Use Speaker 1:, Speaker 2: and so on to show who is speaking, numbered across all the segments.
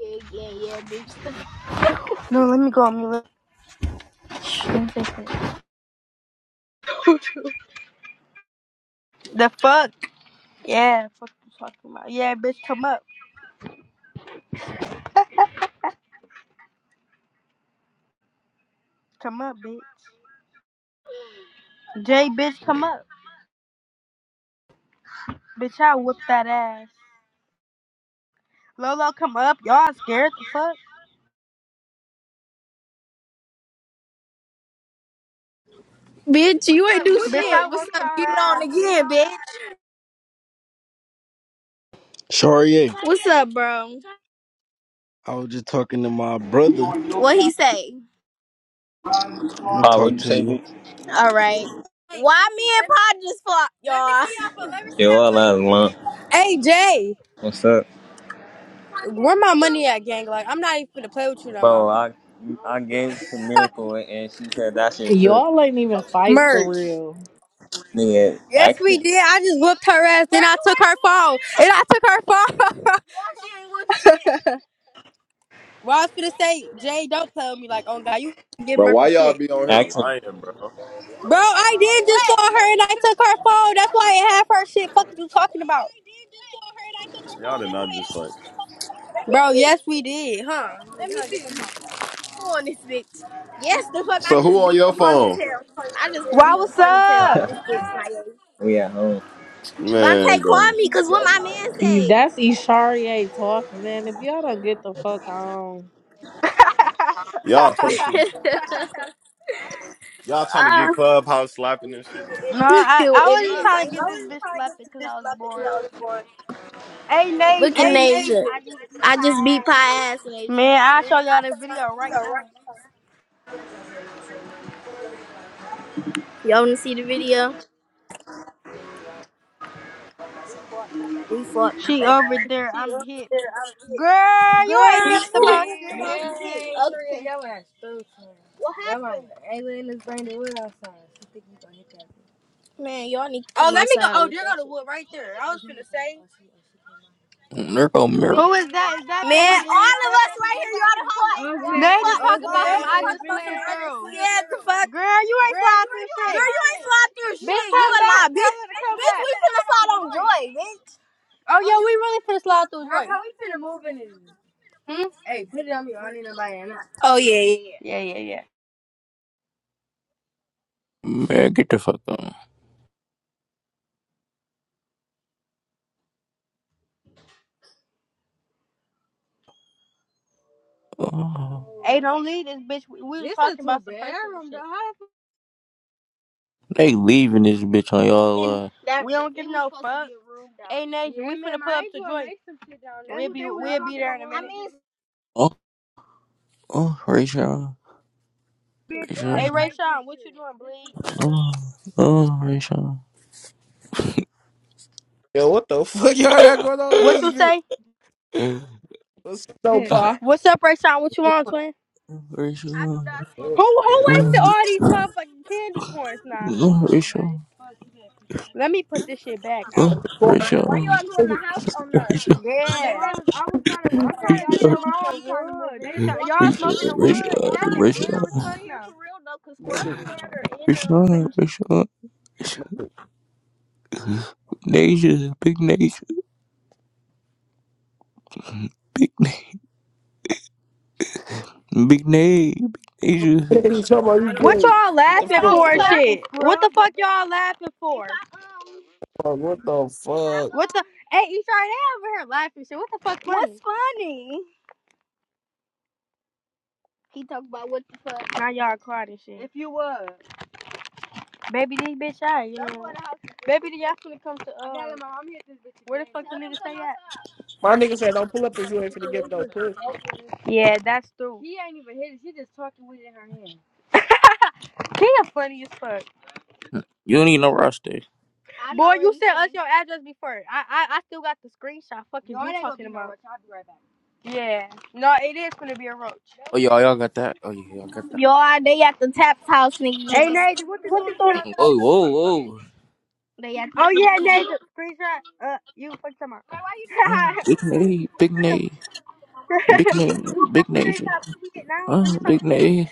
Speaker 1: Yeah, yeah, yeah, bitch. No, let me go on mute. me say The fuck? Yeah, fuck you talking about. Yeah, bitch, come up. Come up, bitch. Jay, bitch, come up. Bitch, I whoop that ass. Lolo, come up. Y'all scared the fuck?
Speaker 2: Bitch,
Speaker 1: What's
Speaker 2: you ain't
Speaker 1: up,
Speaker 2: do
Speaker 1: bitch? Bitch,
Speaker 2: shit.
Speaker 1: I
Speaker 2: What's
Speaker 1: whooped your
Speaker 2: up? You on
Speaker 1: ass, bitch.
Speaker 2: again, bitch.
Speaker 3: Sharia,
Speaker 2: What's up, bro?
Speaker 3: I was just talking to my brother.
Speaker 2: What he say?
Speaker 3: I'm gonna
Speaker 4: Uh,
Speaker 3: talk
Speaker 4: what'd you
Speaker 3: to
Speaker 4: say,
Speaker 3: you.
Speaker 4: bitch?
Speaker 2: All right. Why me and Pa just fought?
Speaker 4: Yo, I love Lump.
Speaker 2: Hey Jay,
Speaker 4: What's up?
Speaker 2: where my money at, gang? Like I'm not even finna play with you no
Speaker 4: Bro,
Speaker 2: more.
Speaker 4: I I gave it to Miracle and she said that shit too.
Speaker 5: Y'all ain't even fight for
Speaker 2: Merch.
Speaker 5: real.
Speaker 4: Nigga,
Speaker 2: Yes, we
Speaker 4: action.
Speaker 2: did. I just whooped her ass, then I took her phone, and I took her phone. well, I was finna say, Jay, don't play with me. Like, oh god, you get
Speaker 6: Bro, why
Speaker 2: Merkel
Speaker 6: y'all
Speaker 2: shit,
Speaker 6: be on here
Speaker 4: Action.
Speaker 6: lying, bro?
Speaker 2: bro. I did just call her, and I took her phone. That's why I have her shit. Fuck you talking about,
Speaker 6: Y'all did not just fight.
Speaker 2: bro? Yes, we did, huh? on this bitch. Yes, the fuck, I
Speaker 6: So who
Speaker 2: just
Speaker 6: on
Speaker 2: beat
Speaker 6: your
Speaker 2: the
Speaker 6: phone?
Speaker 2: ponytail. I just
Speaker 1: Why,
Speaker 2: beat the
Speaker 1: what's
Speaker 2: ponytail.
Speaker 1: up?
Speaker 4: We at home.
Speaker 6: Man,
Speaker 2: Bonte, call
Speaker 6: go.
Speaker 2: me, cause what my man say?
Speaker 5: That's Isharie talking, man. If y'all don't get the fuck on.
Speaker 6: Y'all play too much. Y'all trying to
Speaker 2: Ah,
Speaker 6: get clubhouse slapping and shit.
Speaker 1: no,
Speaker 2: uh,
Speaker 1: I, I
Speaker 2: it
Speaker 1: was just trying to get this bitch slapped because I was bored. Hey, Nasia.
Speaker 2: Look at Nasia.
Speaker 1: I just be
Speaker 2: I just beat
Speaker 1: tired.
Speaker 2: pie ass Nasia.
Speaker 1: Man, I'll show y'all the video right now.
Speaker 2: Y'all wanna see the video? We fought. I
Speaker 1: She
Speaker 2: back.
Speaker 1: over there. I'm hip. Girl, you
Speaker 2: Girl,
Speaker 1: ain't hip about shit.
Speaker 2: What happened? Man, y'all need. to Oh, let me go. Oh, there go the wood right there. I was gonna say,
Speaker 7: There go Mir
Speaker 1: Who is that? Is that
Speaker 2: Man,
Speaker 1: baby
Speaker 2: all
Speaker 1: D?
Speaker 2: of us right here. y'all.
Speaker 1: Okay. They just
Speaker 2: Okay.
Speaker 1: talk
Speaker 2: Girl,
Speaker 1: about
Speaker 2: Okay,
Speaker 1: some
Speaker 2: you talk
Speaker 1: I
Speaker 2: about
Speaker 1: just
Speaker 2: some
Speaker 1: slid through.
Speaker 2: unscared the fuck.
Speaker 1: Girl, you ain't
Speaker 2: Girl,
Speaker 1: slide
Speaker 2: you
Speaker 1: through
Speaker 2: ain't fought
Speaker 1: shit.
Speaker 2: Girl, you ain't through fought through
Speaker 1: Bitch,
Speaker 2: shit. You
Speaker 1: come
Speaker 2: a lie,
Speaker 1: back. Tell
Speaker 2: bitch.
Speaker 1: her to come
Speaker 2: Bitch,
Speaker 1: back.
Speaker 2: we finna slide on joy, bitch.
Speaker 1: Oh
Speaker 2: Oh,
Speaker 1: yeah,
Speaker 2: yeah,
Speaker 1: we
Speaker 2: we
Speaker 1: really finna
Speaker 2: finna
Speaker 1: slide
Speaker 2: slide on
Speaker 1: through
Speaker 2: joy.
Speaker 1: Joy.
Speaker 2: how we finna move in this?
Speaker 1: Hmm?
Speaker 2: Hmm? Hey, put it on me. I need to light
Speaker 1: Oh,
Speaker 2: Oh,
Speaker 1: Yeah,
Speaker 2: yeah,
Speaker 1: yeah, yeah. Yeah, yeah, yeah.
Speaker 7: Man, get the fuck on. Oh,
Speaker 1: Hey, don't leave this bitch. We, we was talking about some personal shit.
Speaker 7: they leaving this bitch on y'all.
Speaker 1: and
Speaker 7: Uh,
Speaker 1: That, we don't give no fuck. Hey there. Nation, we finna pull up to joint. We'll be we'll be there in a minute. I
Speaker 7: oh, oh, Rachel. Rachel.
Speaker 1: Hey Ray Sean, what you doing, bleed?
Speaker 7: Oh, oh, Rachel.
Speaker 8: Yo, what the fuck y'all got going on
Speaker 1: What you
Speaker 8: in this bitch?
Speaker 1: say?
Speaker 8: What's up,
Speaker 7: Oh,
Speaker 8: Pa?
Speaker 1: What's up, Ray Sean? What you on, twin? I do not smoke Who who wasted all these motherfucking candy corns now?
Speaker 7: Rachel.
Speaker 1: Let me put this shit back. I
Speaker 7: Oh,
Speaker 1: don't
Speaker 7: oh,
Speaker 1: even
Speaker 8: Fuck,
Speaker 1: care. Why you all
Speaker 7: Rachel.
Speaker 1: doing the house on
Speaker 7: Oh,
Speaker 1: us?
Speaker 7: Rachel.
Speaker 1: Yeah. They, I was trying to work I'm trying to see
Speaker 7: Rachel.
Speaker 1: my i wood. They try, y'all
Speaker 7: Rachel.
Speaker 1: smoking
Speaker 7: Rachel.
Speaker 1: the wood. that Nah, bitch she little as
Speaker 7: Rachel.
Speaker 1: fuck now? for real though, cause squirrels in there are in the
Speaker 7: Rachel. Rachel. Rachel. Nasia. Big Nasia. Big Nasia. Big Nasia. Big Nasia.
Speaker 8: nigga, you talking about you
Speaker 1: What
Speaker 8: gay.
Speaker 1: y'all
Speaker 8: What the
Speaker 1: laughing
Speaker 8: fuck?
Speaker 1: for and shit? What the fuck y'all laughing for?
Speaker 8: Fuck, What the fuck?
Speaker 1: What the? Hey, he's right over here laughing. What's funny? He talk about what the fuck. Now y'all crying and shit. If you was. Baby, this bitch out, you know. Baby, y'all finna come to, uh, where the fuck the nigga stay at?
Speaker 8: My nigga said, don't pull up if you ain't finna give no puss.
Speaker 1: Yeah, that's true. He ain't even hit it. She just talking with it in her hand. He a funny as fuck.
Speaker 7: You don't need no roster.
Speaker 1: I Boy, you sent us your address before. I I, I still got the screenshot. Fucking you it talking gonna about. No Yeah. No, it is gonna be a roach.
Speaker 7: Oh, y'all, y'all got that? Oh, yeah, y'all got that.
Speaker 1: Yo, they at the Taps house, nigga. Hey, what you doing?
Speaker 7: Whoa, whoa, whoa.
Speaker 1: They at the- Oh yeah, Nate, screenshot. Uh, you fucking talking about. Man, why you doing
Speaker 7: Oh, big name, big name, big name,
Speaker 1: you got
Speaker 7: big
Speaker 1: the
Speaker 7: nation.
Speaker 1: screenshot. Fucking get now.
Speaker 7: Oh,
Speaker 1: Fucking talking.
Speaker 7: big name.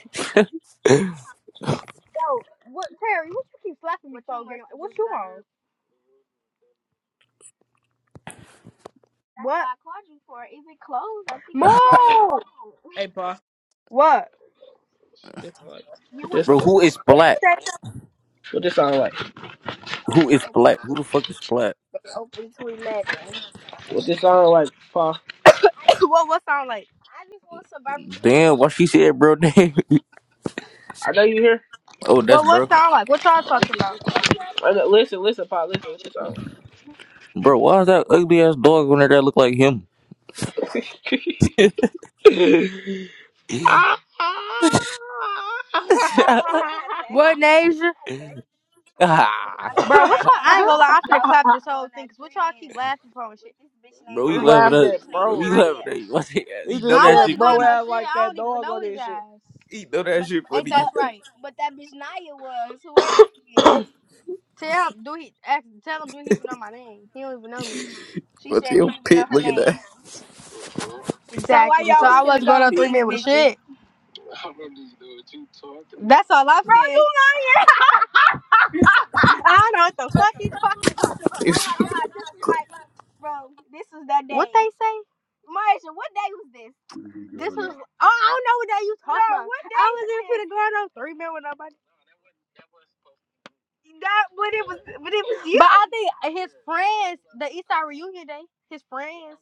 Speaker 1: Yo, what Terry? What you keep slapping me What you for? girl? What you want? what I called you for. Is it closed? I think it's closed. Mo.
Speaker 8: Hey, pa.
Speaker 1: What?
Speaker 8: This sound like, what this,
Speaker 7: Bro, who is black?
Speaker 1: Say-
Speaker 8: what this sound like?
Speaker 1: Oh,
Speaker 7: Who is
Speaker 1: they
Speaker 7: black? Who the fuck is black?
Speaker 1: open.
Speaker 8: What this sound like, pa?
Speaker 1: What what sound like? I just want some barbecue.
Speaker 7: Damn, why she said bro name?
Speaker 8: I know you here.
Speaker 7: Oh, that's
Speaker 1: What what
Speaker 7: bro.
Speaker 1: sound like? What y'all talking about? Just woke up,
Speaker 8: I know, listen, listen, pa. Listen, what this sound
Speaker 7: Bro, why is that ugly ass dog on there that look like him?
Speaker 8: like?
Speaker 1: yeah, babe, I had to- What Nasia?
Speaker 7: Ah,
Speaker 1: Bro, what y'all? I ain't gonna lie. I'm finna clap this whole thing. Cause what y'all keep laughing for and shit? This this bitch named
Speaker 7: bro,
Speaker 8: Who
Speaker 7: he
Speaker 1: Maya.
Speaker 7: laughing
Speaker 1: This
Speaker 8: laughed
Speaker 7: at
Speaker 8: at,
Speaker 1: bitch named
Speaker 7: Bro, he
Speaker 8: bro?
Speaker 7: laughing
Speaker 1: named
Speaker 7: at you. What's he,
Speaker 8: He
Speaker 7: he know
Speaker 8: just
Speaker 1: I
Speaker 7: that
Speaker 8: said,
Speaker 7: shit
Speaker 1: wasn't
Speaker 8: bro,
Speaker 1: going
Speaker 7: funny.
Speaker 1: on
Speaker 8: ass
Speaker 1: shit.
Speaker 8: like
Speaker 1: I
Speaker 8: that
Speaker 1: don't even
Speaker 8: dog
Speaker 1: know
Speaker 8: on
Speaker 1: his
Speaker 8: this shit.
Speaker 1: ass.
Speaker 7: He know that
Speaker 1: But
Speaker 7: shit
Speaker 1: Ain't that
Speaker 7: funny.
Speaker 1: right? But that bitch Naya was whoever she is. Tell him do he ask, tell him do he even know my name? He don't even know me. She
Speaker 7: What's
Speaker 1: said do
Speaker 7: your
Speaker 1: you even
Speaker 7: pit?
Speaker 1: know her
Speaker 7: Look at
Speaker 1: name. Exactly. So you I wasn't going on three think men with bitches? shit. I don't even know what you talking about. That's all I'm Bro, you not I don't know what the fuck you talking about. oh my
Speaker 7: that.
Speaker 1: god, bro, this was that day. What they say? Marsha, what day was this? This was oh I don't know what day you talking Girl, about. what day I was was even this? finna go on three men with nobody. That but it was but it was you. But I think his friends, the Eastside reunion day, his friends.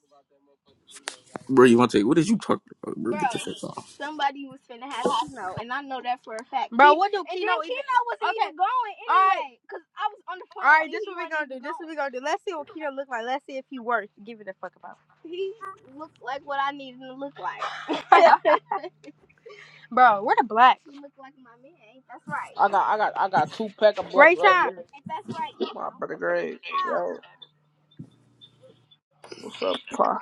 Speaker 7: Bro, you want to take? What did you talk about, bro? Get the
Speaker 1: bro,
Speaker 7: fuck off.
Speaker 1: somebody was finna have Kino, and I know that for a fact. Bro, what do and Kino then even? Kino wasn't Okay, even going anyway, all right, anyway, cause I was on the phone All right, This he what we was gonna even do. Going. This is what going. we gonna do. Let's see what Kino look like. Let's see if he worth giving a fuck about. He looked like what I needed him to look like. Bro, we're the black? he looked like my man. Ain't that's right?
Speaker 8: I got, I got, I got two pack of blacks
Speaker 1: Ray
Speaker 8: right
Speaker 1: Sean.
Speaker 8: here.
Speaker 1: Ain't that's right,
Speaker 8: My
Speaker 1: Kino?
Speaker 8: brother Greg. Yo,
Speaker 1: Huh?
Speaker 8: what's up, Pa?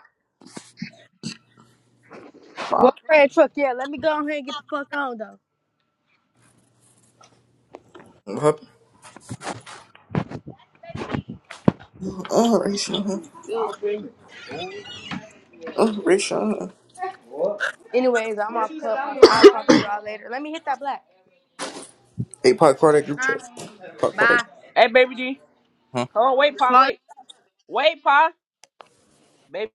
Speaker 1: What
Speaker 8: Pa.
Speaker 1: red truck? Yeah, let me go ahead and get the fuck on though.
Speaker 7: What happened? Oh, Rayshawn. huh? Oh, Rayshawn. huh?
Speaker 1: Anyways, I'm off I'll talk to y'all later. Let me hit that black.
Speaker 7: Hey, Pac, call that group chat. Pac, call that.
Speaker 1: Bye.
Speaker 8: Hey, baby G.
Speaker 7: Huh?
Speaker 8: Hold on, wait, Pa,
Speaker 1: Call
Speaker 8: wait. Wait, Pa. baby.